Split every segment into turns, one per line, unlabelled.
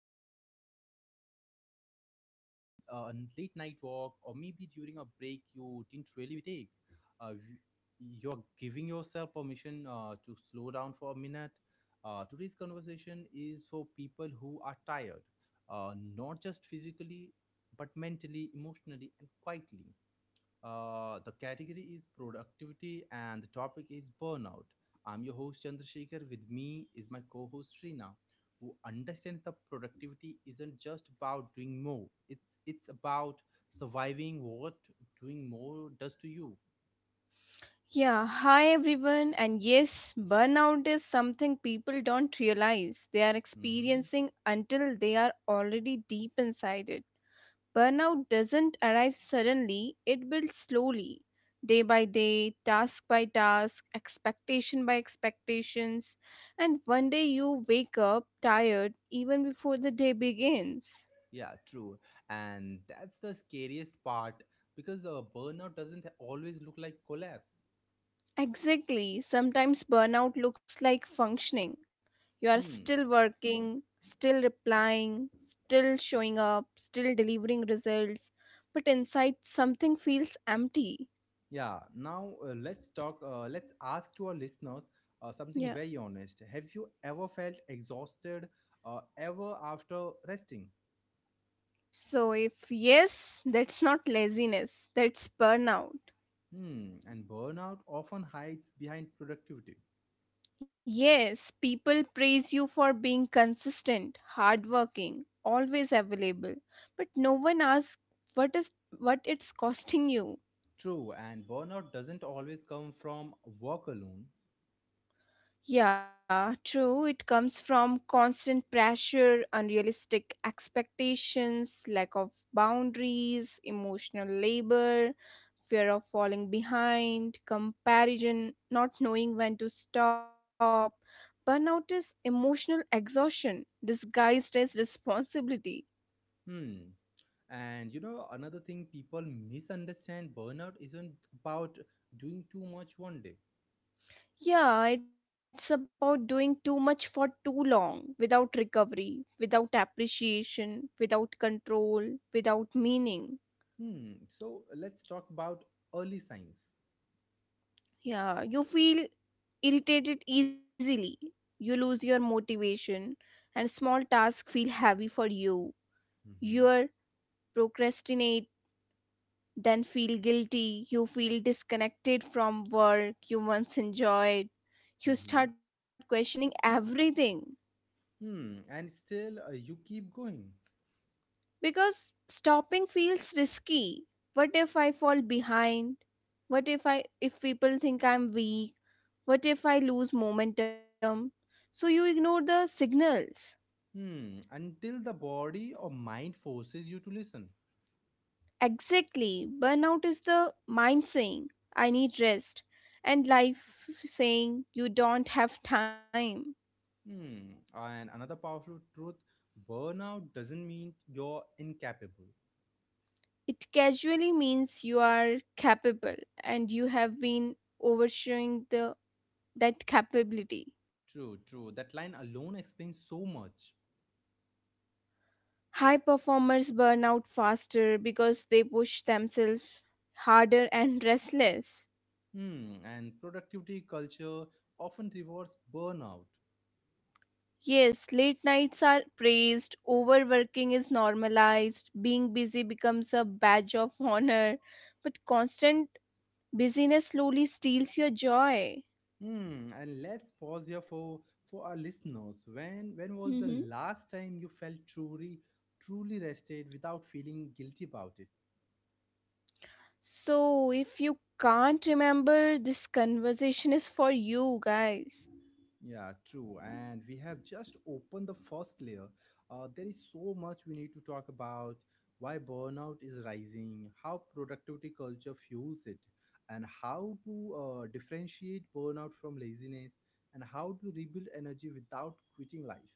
room, your workplace, or a light, a late night walk, or maybe during a break you didn't really take, uh, you- you're giving yourself permission to slow down for a minute. Today's conversation is for people who are tired, not just physically, but mentally, emotionally, and quietly. The category is productivity and the topic is burnout. I'm your host Chandrasekhar. With me is my co-host Srina, who understands that productivity isn't just about doing more. It's about surviving what doing more does to you.
Yeah, hi everyone. And yes, burnout is something people don't realize they are
Hmm.
experiencing until they are already deep inside it. Burnout doesn't arrive suddenly, it builds slowly, day by day, task by task, expectation by expectations. And one day you wake up tired even before the day begins.
Yeah, true. And that's the scariest part because burnout doesn't always look like collapse.
Exactly. Sometimes burnout looks like functioning. You are still
Hmm.
working, still replying, still showing up, still delivering results, but inside something feels empty.
Yeah, now let's talk. Let's ask to our listeners something
Yeah.
very honest. Have you ever felt exhausted ever after resting?
So, if yes, that's not laziness, that's burnout.
Hmm, and burnout often hides behind productivity.
Yes, people praise you for being consistent, hardworking, always available, but no one asks what is what it's costing you.
True, and burnout doesn't always come from work alone.
Yeah, true. It comes from constant pressure, unrealistic expectations, lack of boundaries, emotional labor, fear of falling behind, comparison, not knowing when to stop. Burnout is emotional exhaustion disguised as responsibility.
Hmm. And you know, another thing people misunderstand burnout isn't about doing too much one day.
Yeah, it's about doing too much for too long without recovery, without appreciation, without control, without meaning.
Hmm. So let's talk about early signs.
Yeah, you feel irritated easily. You lose your motivation, and small tasks feel heavy for you.
Mm-hmm.
You procrastinate, then feel guilty. You feel disconnected from work you once enjoyed. You
Mm-hmm.
start questioning everything
Hmm, and still you keep going.
because stopping feels risky. What if I fall behind? What if I if people think I'm weak? What if I lose momentum? So you ignore the signals.
Hmm, until the body or mind forces you to listen.
Exactly. Burnout is the mind saying, I need rest, and life saying, you don't have time.
Hmm, and another powerful truth burnout doesn't mean you're incapable.
It casually means you are capable and you have been overshowing the, that capability.
True, true. That line alone explains so much.
High performers burn out faster because they push themselves harder and restless.
Hmm, and productivity culture often rewards burnout.
Yes, late nights are praised, overworking is normalized, being busy becomes a badge of honor, but constant busyness slowly steals your joy.
Hmm, and let's pause here for our listeners. When was
Mm-hmm.
the last time you felt truly rested without feeling guilty about it?
So, if you can't remember, this conversation is for you guys.
Yeah, true. And we have just opened the first layer. There is so much we need to talk about why burnout is rising, how productivity culture fuels it, and how to differentiate burnout from laziness, and how to rebuild energy without quitting life.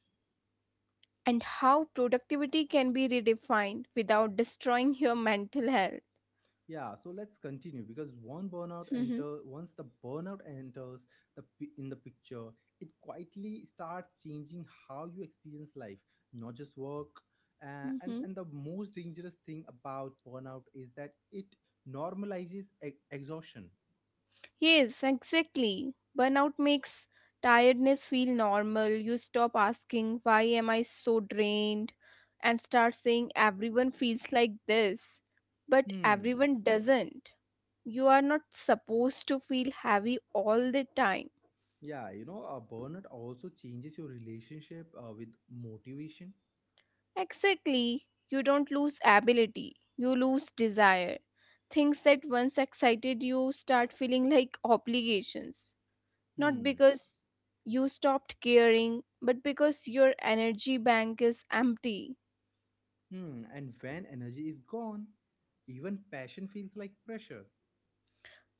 And how productivity can be redefined without destroying your mental health.
Yeah, so let's continue because one burnout enter once the burnout enters in the picture, it quietly starts changing how you experience life, not just work. Uh, and
Mm-hmm.
and the most dangerous thing about burnout is that it normalizes exhaustion.
Yes, exactly. Burnout makes tiredness feel normal. You stop asking, "Why am I so drained?" and start saying, "Everyone feels like this." But
Hmm.
everyone doesn't. You are not supposed to feel heavy all the time.
Yeah, you know, a burnout also changes your relationship with motivation.
Exactly. You don't lose ability, you lose desire. Things that once excited you start feeling like obligations. Not
Hmm.
because you stopped caring, but because your energy bank is empty.
Hmm. And when energy is gone, even passion feels like pressure.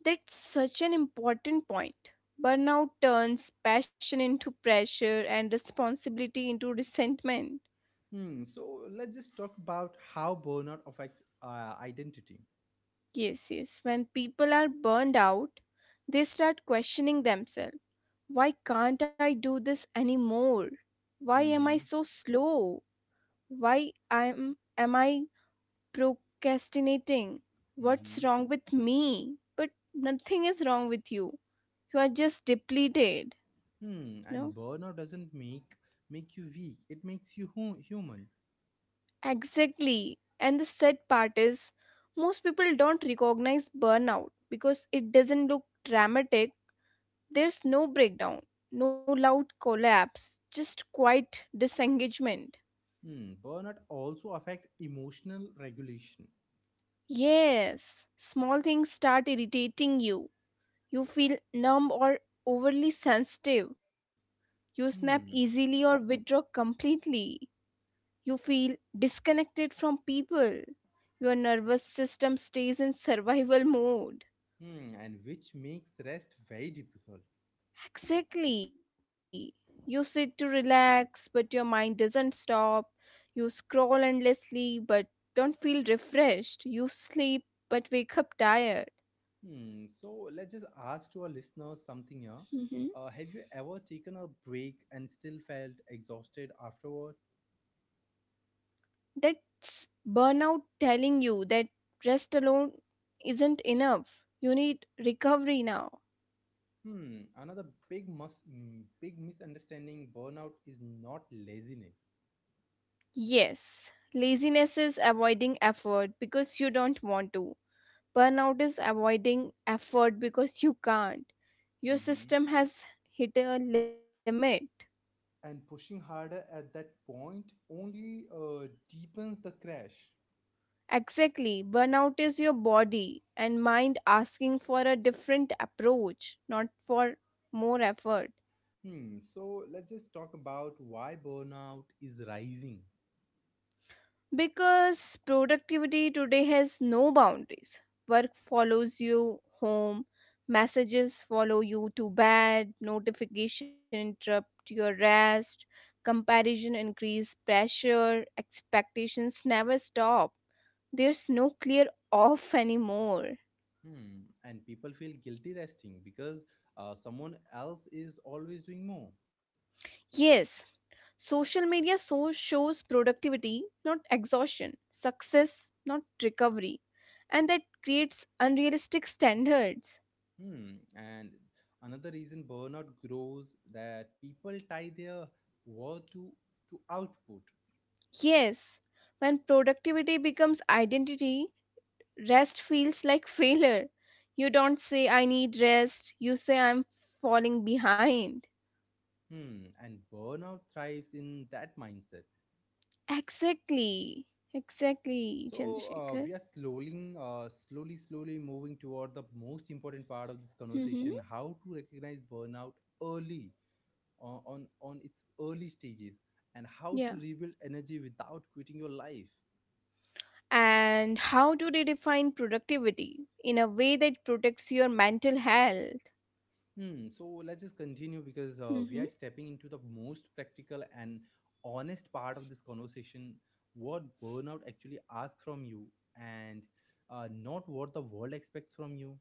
That's such an important point. Burnout turns passion into pressure and responsibility into resentment.
Hmm. So let's just talk about how burnout affects identity.
Yes, yes. When people are burned out, they start questioning themselves. Why can't I do this anymore? Why am I
Mm-hmm.
so slow? Why am I procrastinating.
Mm-hmm.
What's wrong with me? But nothing is wrong with you. You are just depleted.
Hmm. And
No?
burnout doesn't make you weak. It makes you human.
Exactly. And the sad part is, most people don't recognize burnout because it doesn't look dramatic. There's no breakdown, no loud collapse, just quiet disengagement.
Hmm. Burnout also affects emotional regulation.
Yes, small things start irritating you. You feel numb or overly sensitive. You snap easily
Hmm.
or withdraw completely. You feel disconnected from people. Your nervous system stays in survival mode.
Hmm. And which makes rest very difficult.
Exactly. You sit to relax, but your mind doesn't stop. You scroll endlessly, but don't feel refreshed. You sleep, but wake up tired.
Hmm. So let's just ask to our listeners something here.
Mhm.
Have you ever taken a break and still felt exhausted afterward?
That's burnout telling you that rest alone isn't enough. You need recovery now.
Hmm, another big misunderstanding burnout is not laziness.
Yes, laziness is avoiding effort because you don't want to. Burnout is avoiding effort because you can't. Your
Mm-hmm.
system has hit a limit.
And pushing harder at that point only deepens the crash.
Exactly, burnout is your body and mind asking for a different approach, not for more effort.
Hmm, so let's just talk about why burnout is rising.
Because productivity today has no boundaries. Work follows you home, messages follow you to bed, notification interrupt your rest, comparison increase pressure, expectations never stop. There's no clear off anymore.
Hmm, and people feel guilty resting because someone else is always doing more.
Yes, social media so shows productivity, not exhaustion, success, not recovery, and that creates unrealistic standards.
Hmm, and another reason burnout grows that people tie their worth to output.
Yes, when productivity becomes identity, rest feels like failure. You don't say, "I need rest," you say, "I'm falling behind."
Hmm, and burnout thrives in that mindset.
Exactly, exactly,
So uh,
Chandrasekhar.
we are slowly, uh, slowly, slowly moving toward the most important part of this conversation:
Mm-hmm.
how to recognize burnout early, on its early stages, and how
Yeah.
to rebuild energy without quitting your life.
And how do they define productivity in a way that protects your mental health?
Hmm. So let's just continue because we are stepping into the most practical and honest part of this conversation. What burnout actually asks from you, and not what the world expects from you.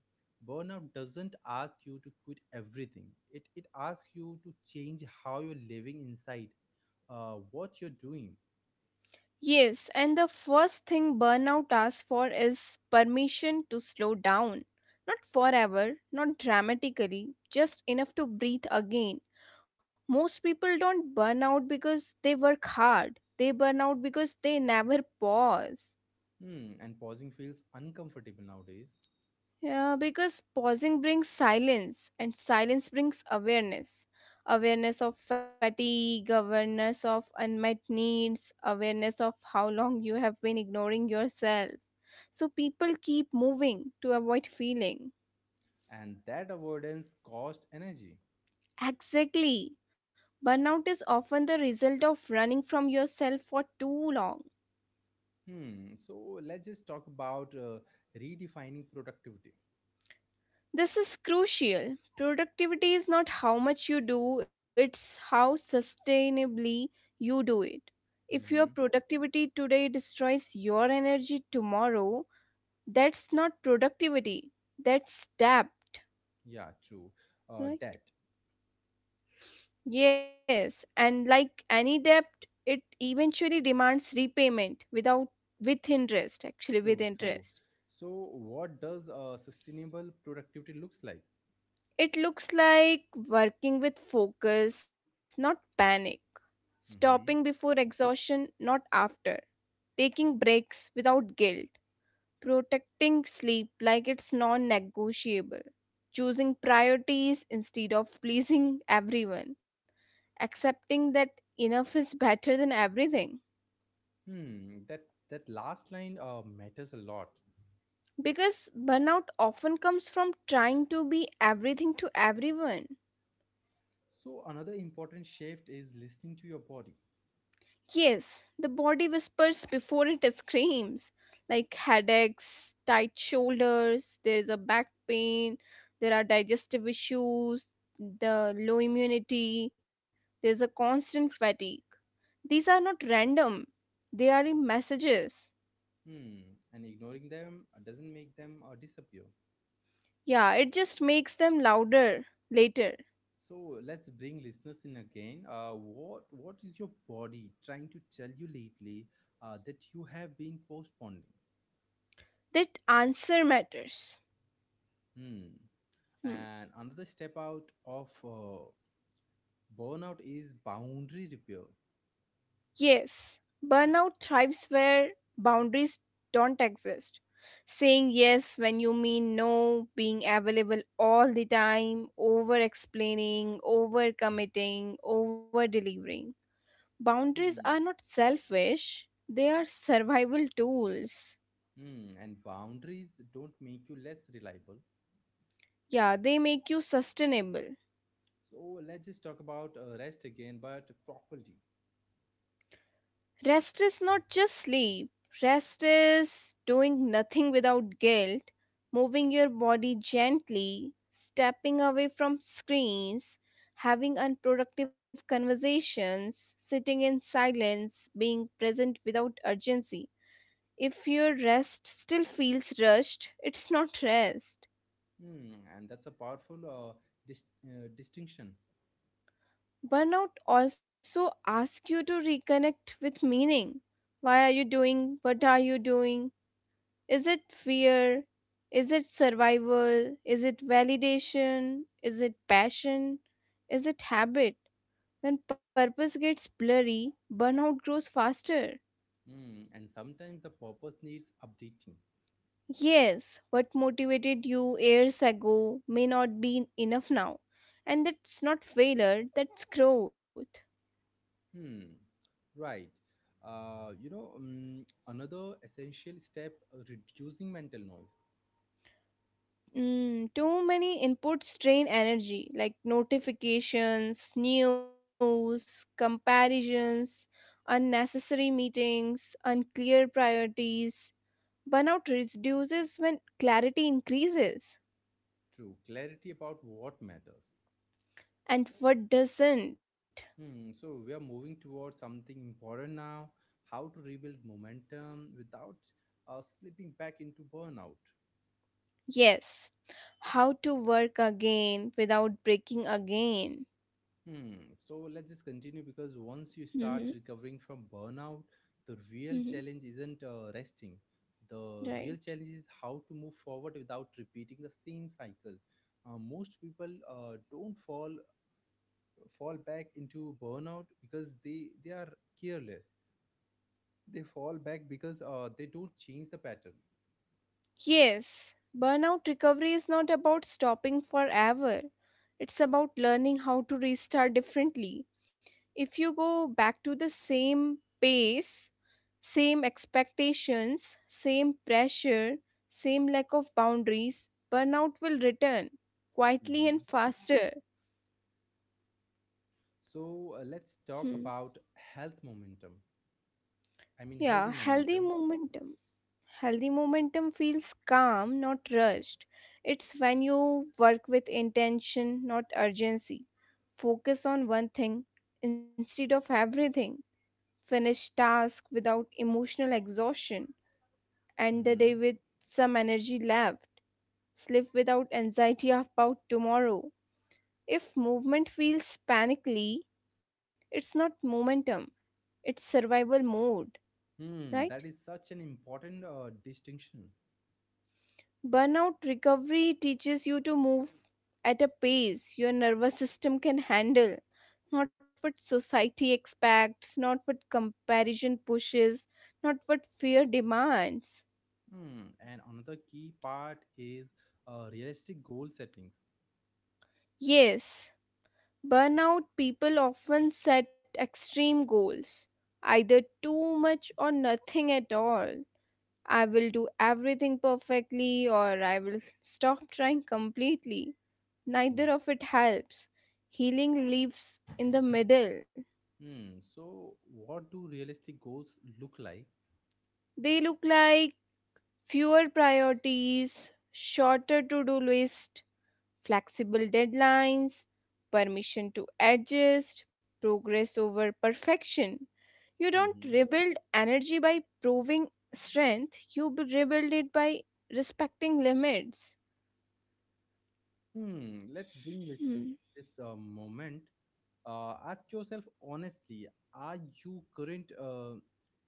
Burnout doesn't ask you to quit everything. It asks you to change how you're living inside, what you're doing.
Yes, and the first thing burnout asks for is permission to slow down. Not forever, not dramatically, just enough to breathe again. Most people don't burn out because they work hard. They burn out because they never pause.
Hmm. And pausing feels uncomfortable nowadays,
Yeah, because pausing brings silence, and silence brings awareness. Awareness of fatigue, awareness of unmet needs, awareness of how long you have been ignoring yourself. So people keep moving to avoid feeling.
and that avoidance costs energy.
Exactly. Burnout is often the result of running from yourself for too long.
Hmm. So let's just talk about redefining productivity.
This is crucial. Productivity is not how much you do, it's how sustainably you do it. If your
Mm-hmm.
productivity today destroys your energy tomorrow, that's not productivity, that's depth,
Yeah, true. That
right? Yes, and like any debt, it eventually demands repayment without with interest, actually with
True, true.
interest.
So what does sustainable productivity looks like?
It looks like working with focus, not panic. Stopping before
Mm-hmm.
exhaustion, not after. Taking breaks without guilt. Protecting sleep like it's non-negotiable. Choosing priorities instead of pleasing everyone. Accepting that enough is better than everything.
Hmm. That last line matters a lot.
Because burnout often comes from trying to be everything to everyone.
So another important shift is listening to your body.
Yes, the body whispers before it screams, like headaches, tight shoulders, there's a back pain, there are digestive issues, the low immunity, there's a constant fatigue. These are not random, they are in messages.
Hmm. And ignoring them doesn't make them disappear.
Yeah, it just makes them louder later.
So let's bring listeners in again. What is your body trying to tell you lately that you have been postponing?
That answer matters.
Hmm.
Hmm.
And another step out of burnout is boundary repair.
Yes, burnout thrives where boundaries don't exist. Saying yes when you mean no, being available all the time, over explaining, over committing, over delivering. Boundaries
Hmm.
are not selfish, they are survival tools.
Hmm. And boundaries don't make you less reliable.
Yeah, they make you sustainable.
So let's just talk about rest again, but properly.
Rest is not just sleep. Rest is doing nothing without guilt, moving your body gently, stepping away from screens, having unproductive conversations, sitting in silence, being present without urgency. If your rest still feels rushed, it's not rest.
Hmm. And that's a powerful distinction.
Burnout also asks you to reconnect with meaning. Why are you doing? What are you doing? Is it fear? Is it survival? Is it validation? Is it passion? Is it habit? When purpose gets blurry, burnout grows faster.
Hmm. And sometimes the purpose needs updating.
Yes, what motivated you years ago may not be enough now. And that's not failure, that's growth.
Hmm. Right. Another essential step reducing mental noise.
Mm, too many inputs strain energy, like notifications, news, comparisons, unnecessary meetings, unclear priorities. Burnout reduces when clarity increases.
True. Clarity about what matters.
And what doesn't?
Hmm. So we are moving towards something important now. How to rebuild momentum without slipping back into burnout.
Yes, how to work again without breaking again.
Hmm. So let's just continue because once you
Hmm
start recovering from burnout, the real
hmm
challenge isn't resting. The
Right.
real challenge is how to move forward without repeating the same cycle. Most people don't fall back into burnout because they are careless. They fall back because they don't change the pattern.
Yes, burnout recovery is not about stopping forever. It's about learning how to restart differently. If you go back to the same pace, same expectations, same pressure, same lack of boundaries, burnout will return quietly
Mm-hmm.
and faster.
So let's
Hmm.
talk about health momentum. I mean
Yeah,
healthy
healthy
momentum.
momentum. Healthy momentum feels calm, not rushed. It's when you work with intention, not urgency. Focus on one thing instead of everything. Finish task without emotional exhaustion. End the day with some energy left. Sleep without anxiety about tomorrow. If movement feels panically, it's not momentum. It's survival mode, right?
Hmm, that is such an important distinction.
Burnout recovery teaches you to move at a pace your nervous system can handle, not what society expects, not what comparison pushes, not what fear demands.
Hmm, and another key part is realistic goal settings.
Yes, burnout people often set extreme goals, either too much or nothing at all. I will do everything perfectly, or I will stop trying completely.
Mm.
Neither of it helps. Healing lives in the middle.
Hmm, so what do realistic goals look like?
They look like fewer priorities, shorter to do list, flexible deadlines, permission to adjust, progress over perfection. You don't
Mhm.
rebuild energy by proving strength, you b- rebuild it by respecting limits.
Hmm, let's bring this
Hmm.
this uh, moment. Ask yourself honestly: Are you current? Uh,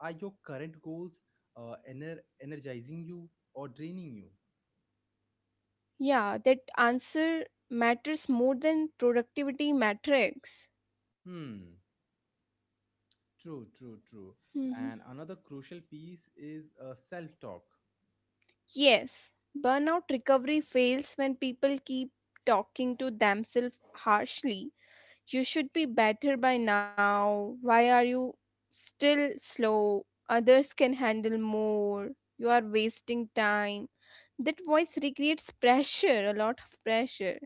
are your current goals uh, ener- energizing you or draining you?
Yeah, that answer matters more than productivity metrics.
Hmm. True, true, true. And another crucial piece is self talk.
Yes, burnout recovery fails when people keep talking to themselves harshly. You should be better by now. Why are you still slow? Others can handle more. You are wasting time. That voice recreates pressure, a lot of pressure.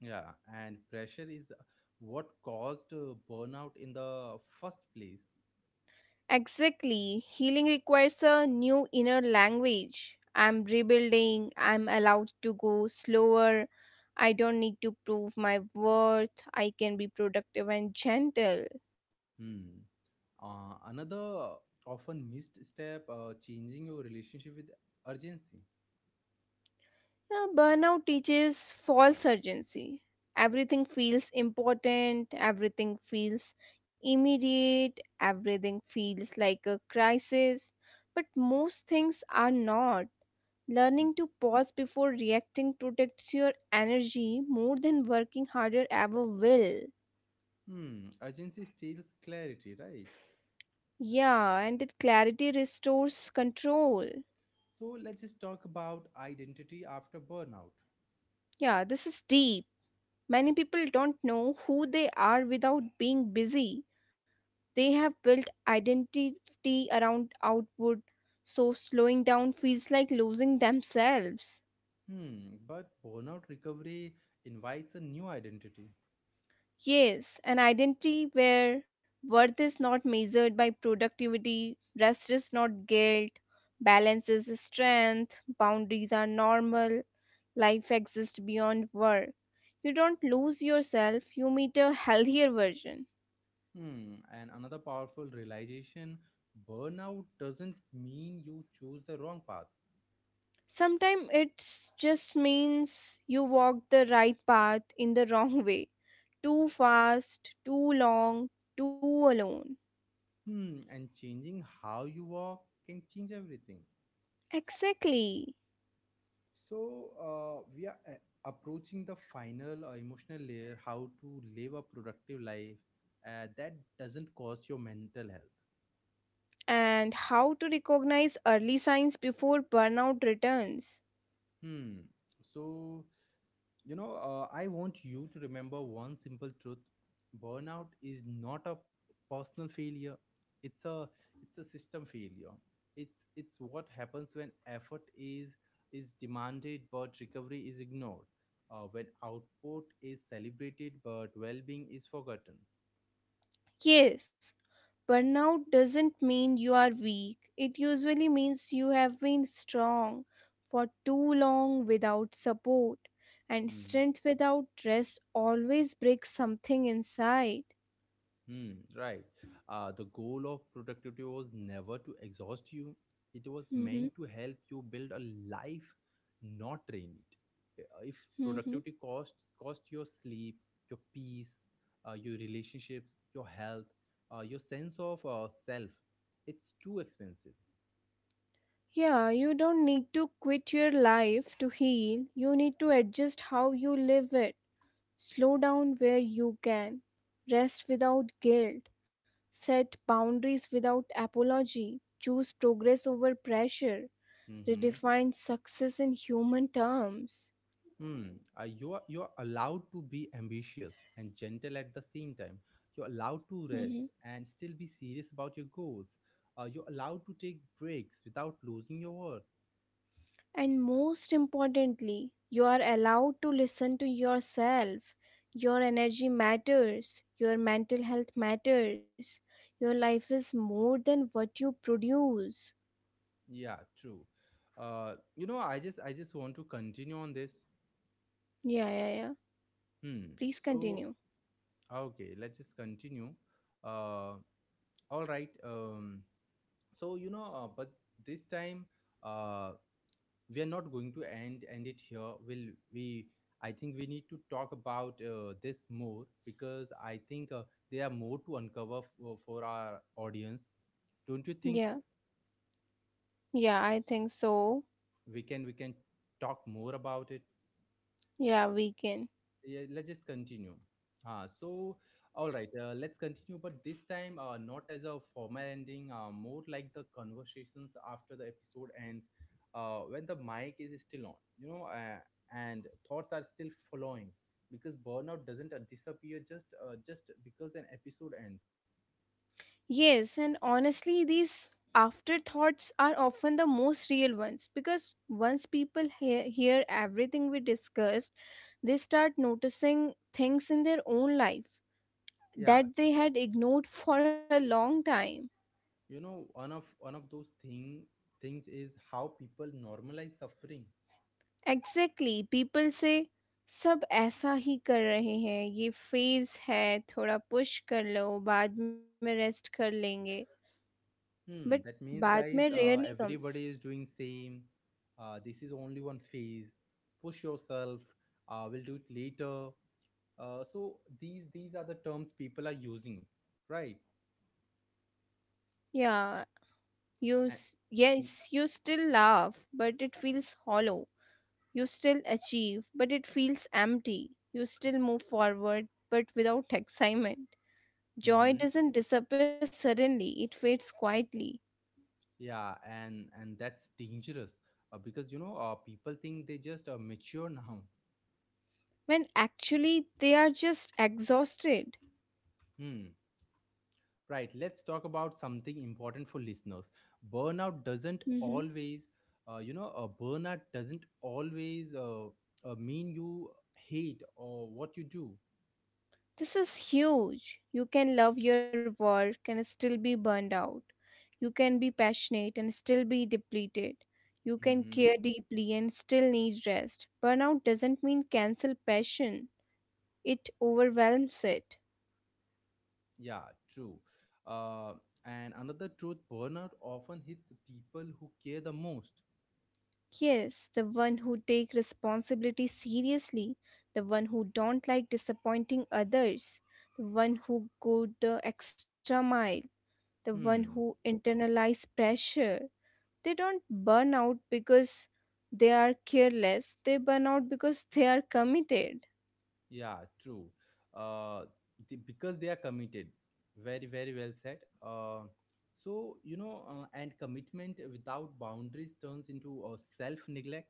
Yeah, and pressure is what caused burnout in the first place.
Exactly. Healing requires a new inner language. I'm rebuilding. I'm allowed to go slower. I don't need to prove my worth. I can be productive and gentle.
Hmm. Another often missed step changing your relationship with urgency.
Yeah, burnout teaches false urgency. Everything feels important. Everything feels immediate. Everything feels like a crisis. But most things are not. Learning to pause before reacting protects your energy more than working harder ever will.
Hmm, urgency steals clarity, right?
Yeah, and that clarity restores control.
So let's just talk about identity after burnout.
Yeah, this is deep. Many people don't know who they are without being busy. They have built identity around output, so slowing down feels like losing themselves.
Hmm, but burnout recovery invites a new identity.
Yes, an identity where worth is not measured by productivity, rest is not guilt, balance is strength, boundaries are normal, life exists beyond work. You don't lose yourself, you meet a healthier version.
Hmm. And another powerful realization burnout doesn't mean you choose the wrong path.
Sometimes it just means you walk the right path in the wrong way. Too fast, too long, too alone.
Hmm. And changing how you walk can change everything.
Exactly.
So we are approaching the final emotional layer how to live a productive life that doesn't cost your mental health.
And how to recognize early signs before burnout returns.
Hmm. So, I want you to remember one simple truth: burnout is not a personal failure. It's a it's a system failure. It's what happens when effort is demanded but recovery is ignored. When output is celebrated but well-being is forgotten.
Yes, burnout doesn't mean you are weak, it usually means you have been strong for too long without support, and
Mm-hmm.
strength without rest always breaks something inside.
Hmm, right. The goal of productivity was never to exhaust you. It was
Hmm
meant to help you build a life, not drain it. If
hmm
productivity costs cost your sleep, your peace, your relationships, your health, your sense of self, it's too expensive.
Yeah, you don't need to quit your life to heal, you need to adjust how you live it. Slow down where you can. Rest without guilt. Set boundaries without apology. Choose progress over pressure.
Mhm.
Redefine success in human terms.
Hmm. You are allowed to be ambitious and gentle at the same time. You're allowed to
Mhm.
rest and still be serious about your goals. You're allowed to take breaks without losing your worth.
And most importantly, you are allowed to listen to yourself. Your energy matters. Your mental health matters. Your life is more than what you produce.
Yeah, true. I just want to continue on this.
Yeah, yeah, yeah.
Hmm.
Please
So
continue.
okay, let's just continue. Uh, all right. So you know, but this time, uh, we are not going to end it here will we I think we need to talk about this more because I think there are more to uncover for our audience don't you think
Yeah, yeah, I think so.
we can talk more about it.
Yeah, we can.
Yeah, let's just continue. Ah, so all right, let's continue. But this time, not as a formal ending, more like the conversations after the episode ends, when the mic is still on, you know, and thoughts are still flowing because burnout doesn't disappear just because an episode ends.
Yes, and honestly, these afterthoughts are often the most real ones because once people hear everything we discussed, they start noticing things in their own life
Yeah,
that they had ignored for a long time.
you know, one of those things is how people normalize suffering.
Exactly, people say, सब ऐसा ही कर रहे हैं ये phase phase है थोड़ा push कर लो बाद में rest कर लेंगे. But,
Hmm, that
बाद
means,
में
guys,
rarely comes.
everybody is doing same. This is only one phase. Push yourself. We'll do it later. So these are the terms people are using, right?
Yeah.
And
Yes, you still laugh, but it feels hollow. You still achieve, but it feels empty. You still move forward, but without excitement.
mm-hmm,
Joy doesn't disappear suddenly, it fades quietly.
yeah, and that's dangerous because you know people think they just mature now.
When actually they are just exhausted.
Hmm. Right, let's talk about something important for listeners. Burnout doesn't always, burnout doesn't always mean you hate or what you do.
This is huge. You can love your work and still be burned out. You can be passionate and still be depleted. You can
Hmm.
care deeply and still need rest. Burnout doesn't mean cancel passion, it overwhelms it.
Yeah, true. Uh, and another truth burnout often hits people who care the most.
Yes, the one who take responsibility seriously, the one who don't like disappointing others, the one who go the extra mile, the one
Hmm.
who internalize pressure, they don't burn out because they are careless, they burn out because they are committed.
Yeah, true. Uh, because they are committed. Very, very well said. And commitment without boundaries turns into a self-neglect.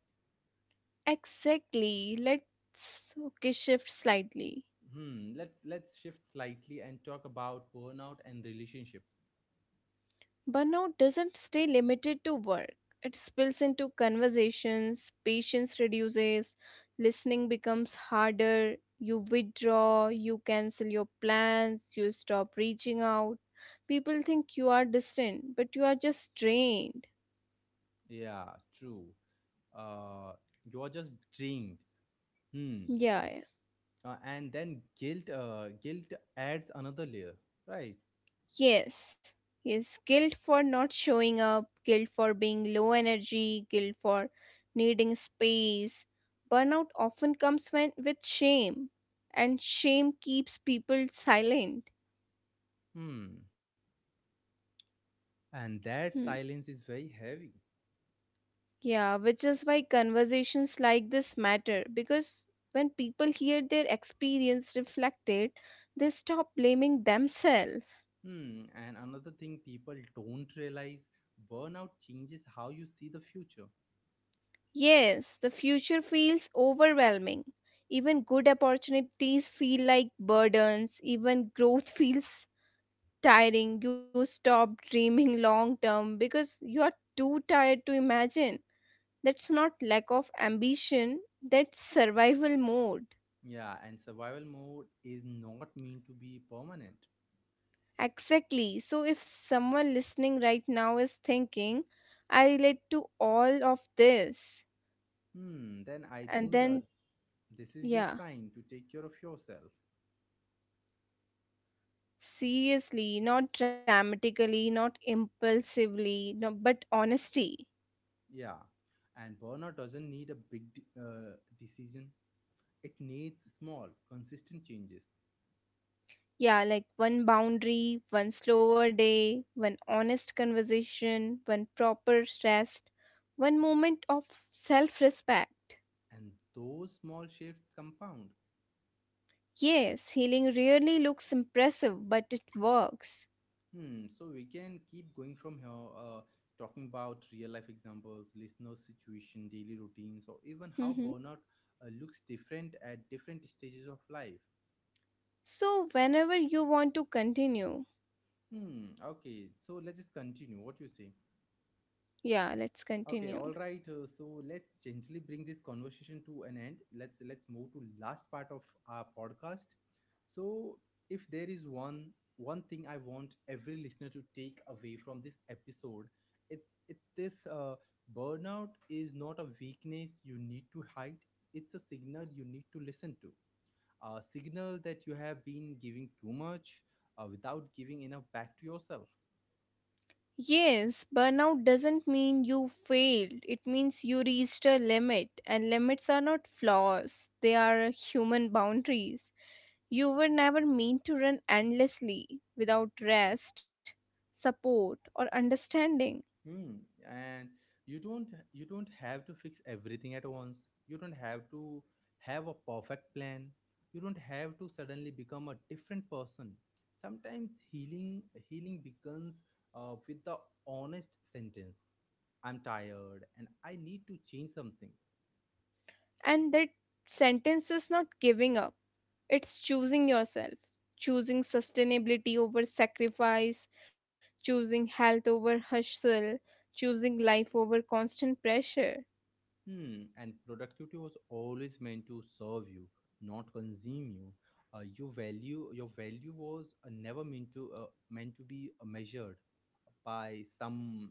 Exactly. Let's, okay, shift slightly.
Hmm, let's shift slightly and talk about burnout and relationships.
Burnout doesn't stay limited to work, it spills into conversations. Patience reduces, listening becomes harder, you withdraw, you cancel your plans, you stop reaching out. People think you are distant, but you are just drained.
Yeah, true. Uh, you're just drained. Hmm.
Yeah, yeah.
And then guilt adds another layer, right?
Yes, yes, guilt for not showing up, guilt for being low energy, guilt for needing space. Burnout often comes when with shame, and shame keeps people silent.
Hmm. And that
Hmm.
silence is very heavy.
Yeah, which is why conversations like this matter, because when people hear their experience reflected, they stop blaming themselves.
Hmm, and another thing people don't realize burnout changes how you see the future.
Yes, the future feels overwhelming. Even good opportunities feel like burdens, even growth feels tiring. You stop dreaming long term because you are too tired to imagine. That's not lack of ambition, that's survival mode.
Yeah, and survival mode is not meant to be permanent.
Exactly. So, if someone listening right now is thinking, I relate to all of this,
Hmm, then I
and
think
then,
this is your
yeah.
sign to take care of yourself.
Seriously, not dramatically, not impulsively, no, but honesty.
Yeah, and burnout doesn't need a big decision, it needs small, consistent changes,
Yeah, like one boundary, one slower day, one honest conversation, one proper rest, one moment of self respect.
and those small shifts compound.
Yes, healing really looks impressive, but it works.
Hmm. So we can keep going from here, talking about real life examples, listener situation, daily routines, or even how
Mhm.
burnout looks different at different stages of life.
So, whenever you want to continue,
Hmm. Okay. So let's just continue. What do you say?
yeah, let's continue.
Okay, all right. So let's gently bring this conversation to an end. Let's move to last part of our podcast. So, if there is one thing I want every listener to take away from this episode, it's this: burnout is not a weakness you need to hide. It's a signal you need to listen to. A signal that you have been giving too much without giving enough back to yourself.
Yes, burnout doesn't mean you failed. It means you reached a limit, and limits are not flaws, they are human boundaries. You were never meant to run endlessly without rest, support, or understanding.
Hmm. And you don't have to fix everything at once. You don't have to have a perfect plan. You don't have to suddenly become a different person. Sometimes healing begins with the honest sentence. I'm tired and I need to change something.
And that sentence is not giving up, it's choosing yourself, choosing sustainability over sacrifice, choosing health over hustle, choosing life over constant pressure.
Hmm. And productivity was always meant to serve you, not consume you. Your value was never meant to meant to be measured by some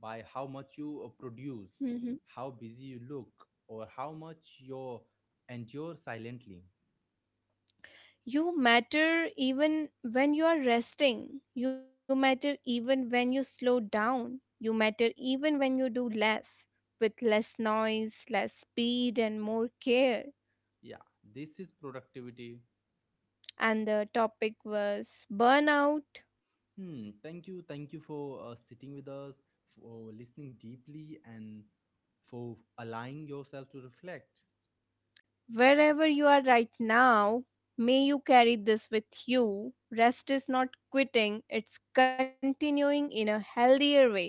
by how much you produce,
Mm-hmm.
how busy you look, or how much you endure silently.
You matter even when you are resting. You matter even when you slow down. You matter even when you do less, with less noise, less speed, and more care.
Yeah, this is productivity.
And the topic was burnout.
Hmm, thank you, thank you for sitting with us, for listening deeply, and for allowing yourself to reflect.
Wherever you are right now, may you carry this with you. Rest is not quitting, it's continuing in a healthier way.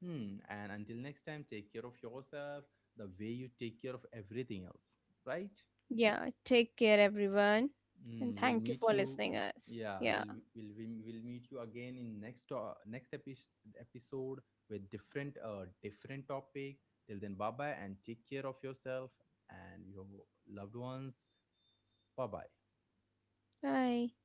Hmm, and until next time, take care of yourself the way you take care of everything else, right?
Yeah, take care, everyone. And
Mm, we'll
thank you
meet
for
you.
listening us.
Yeah,
Yeah,
we'll meet you again in next episode with different different topic. Till then, bye bye and take care of yourself and your loved ones. Bye bye.
bye.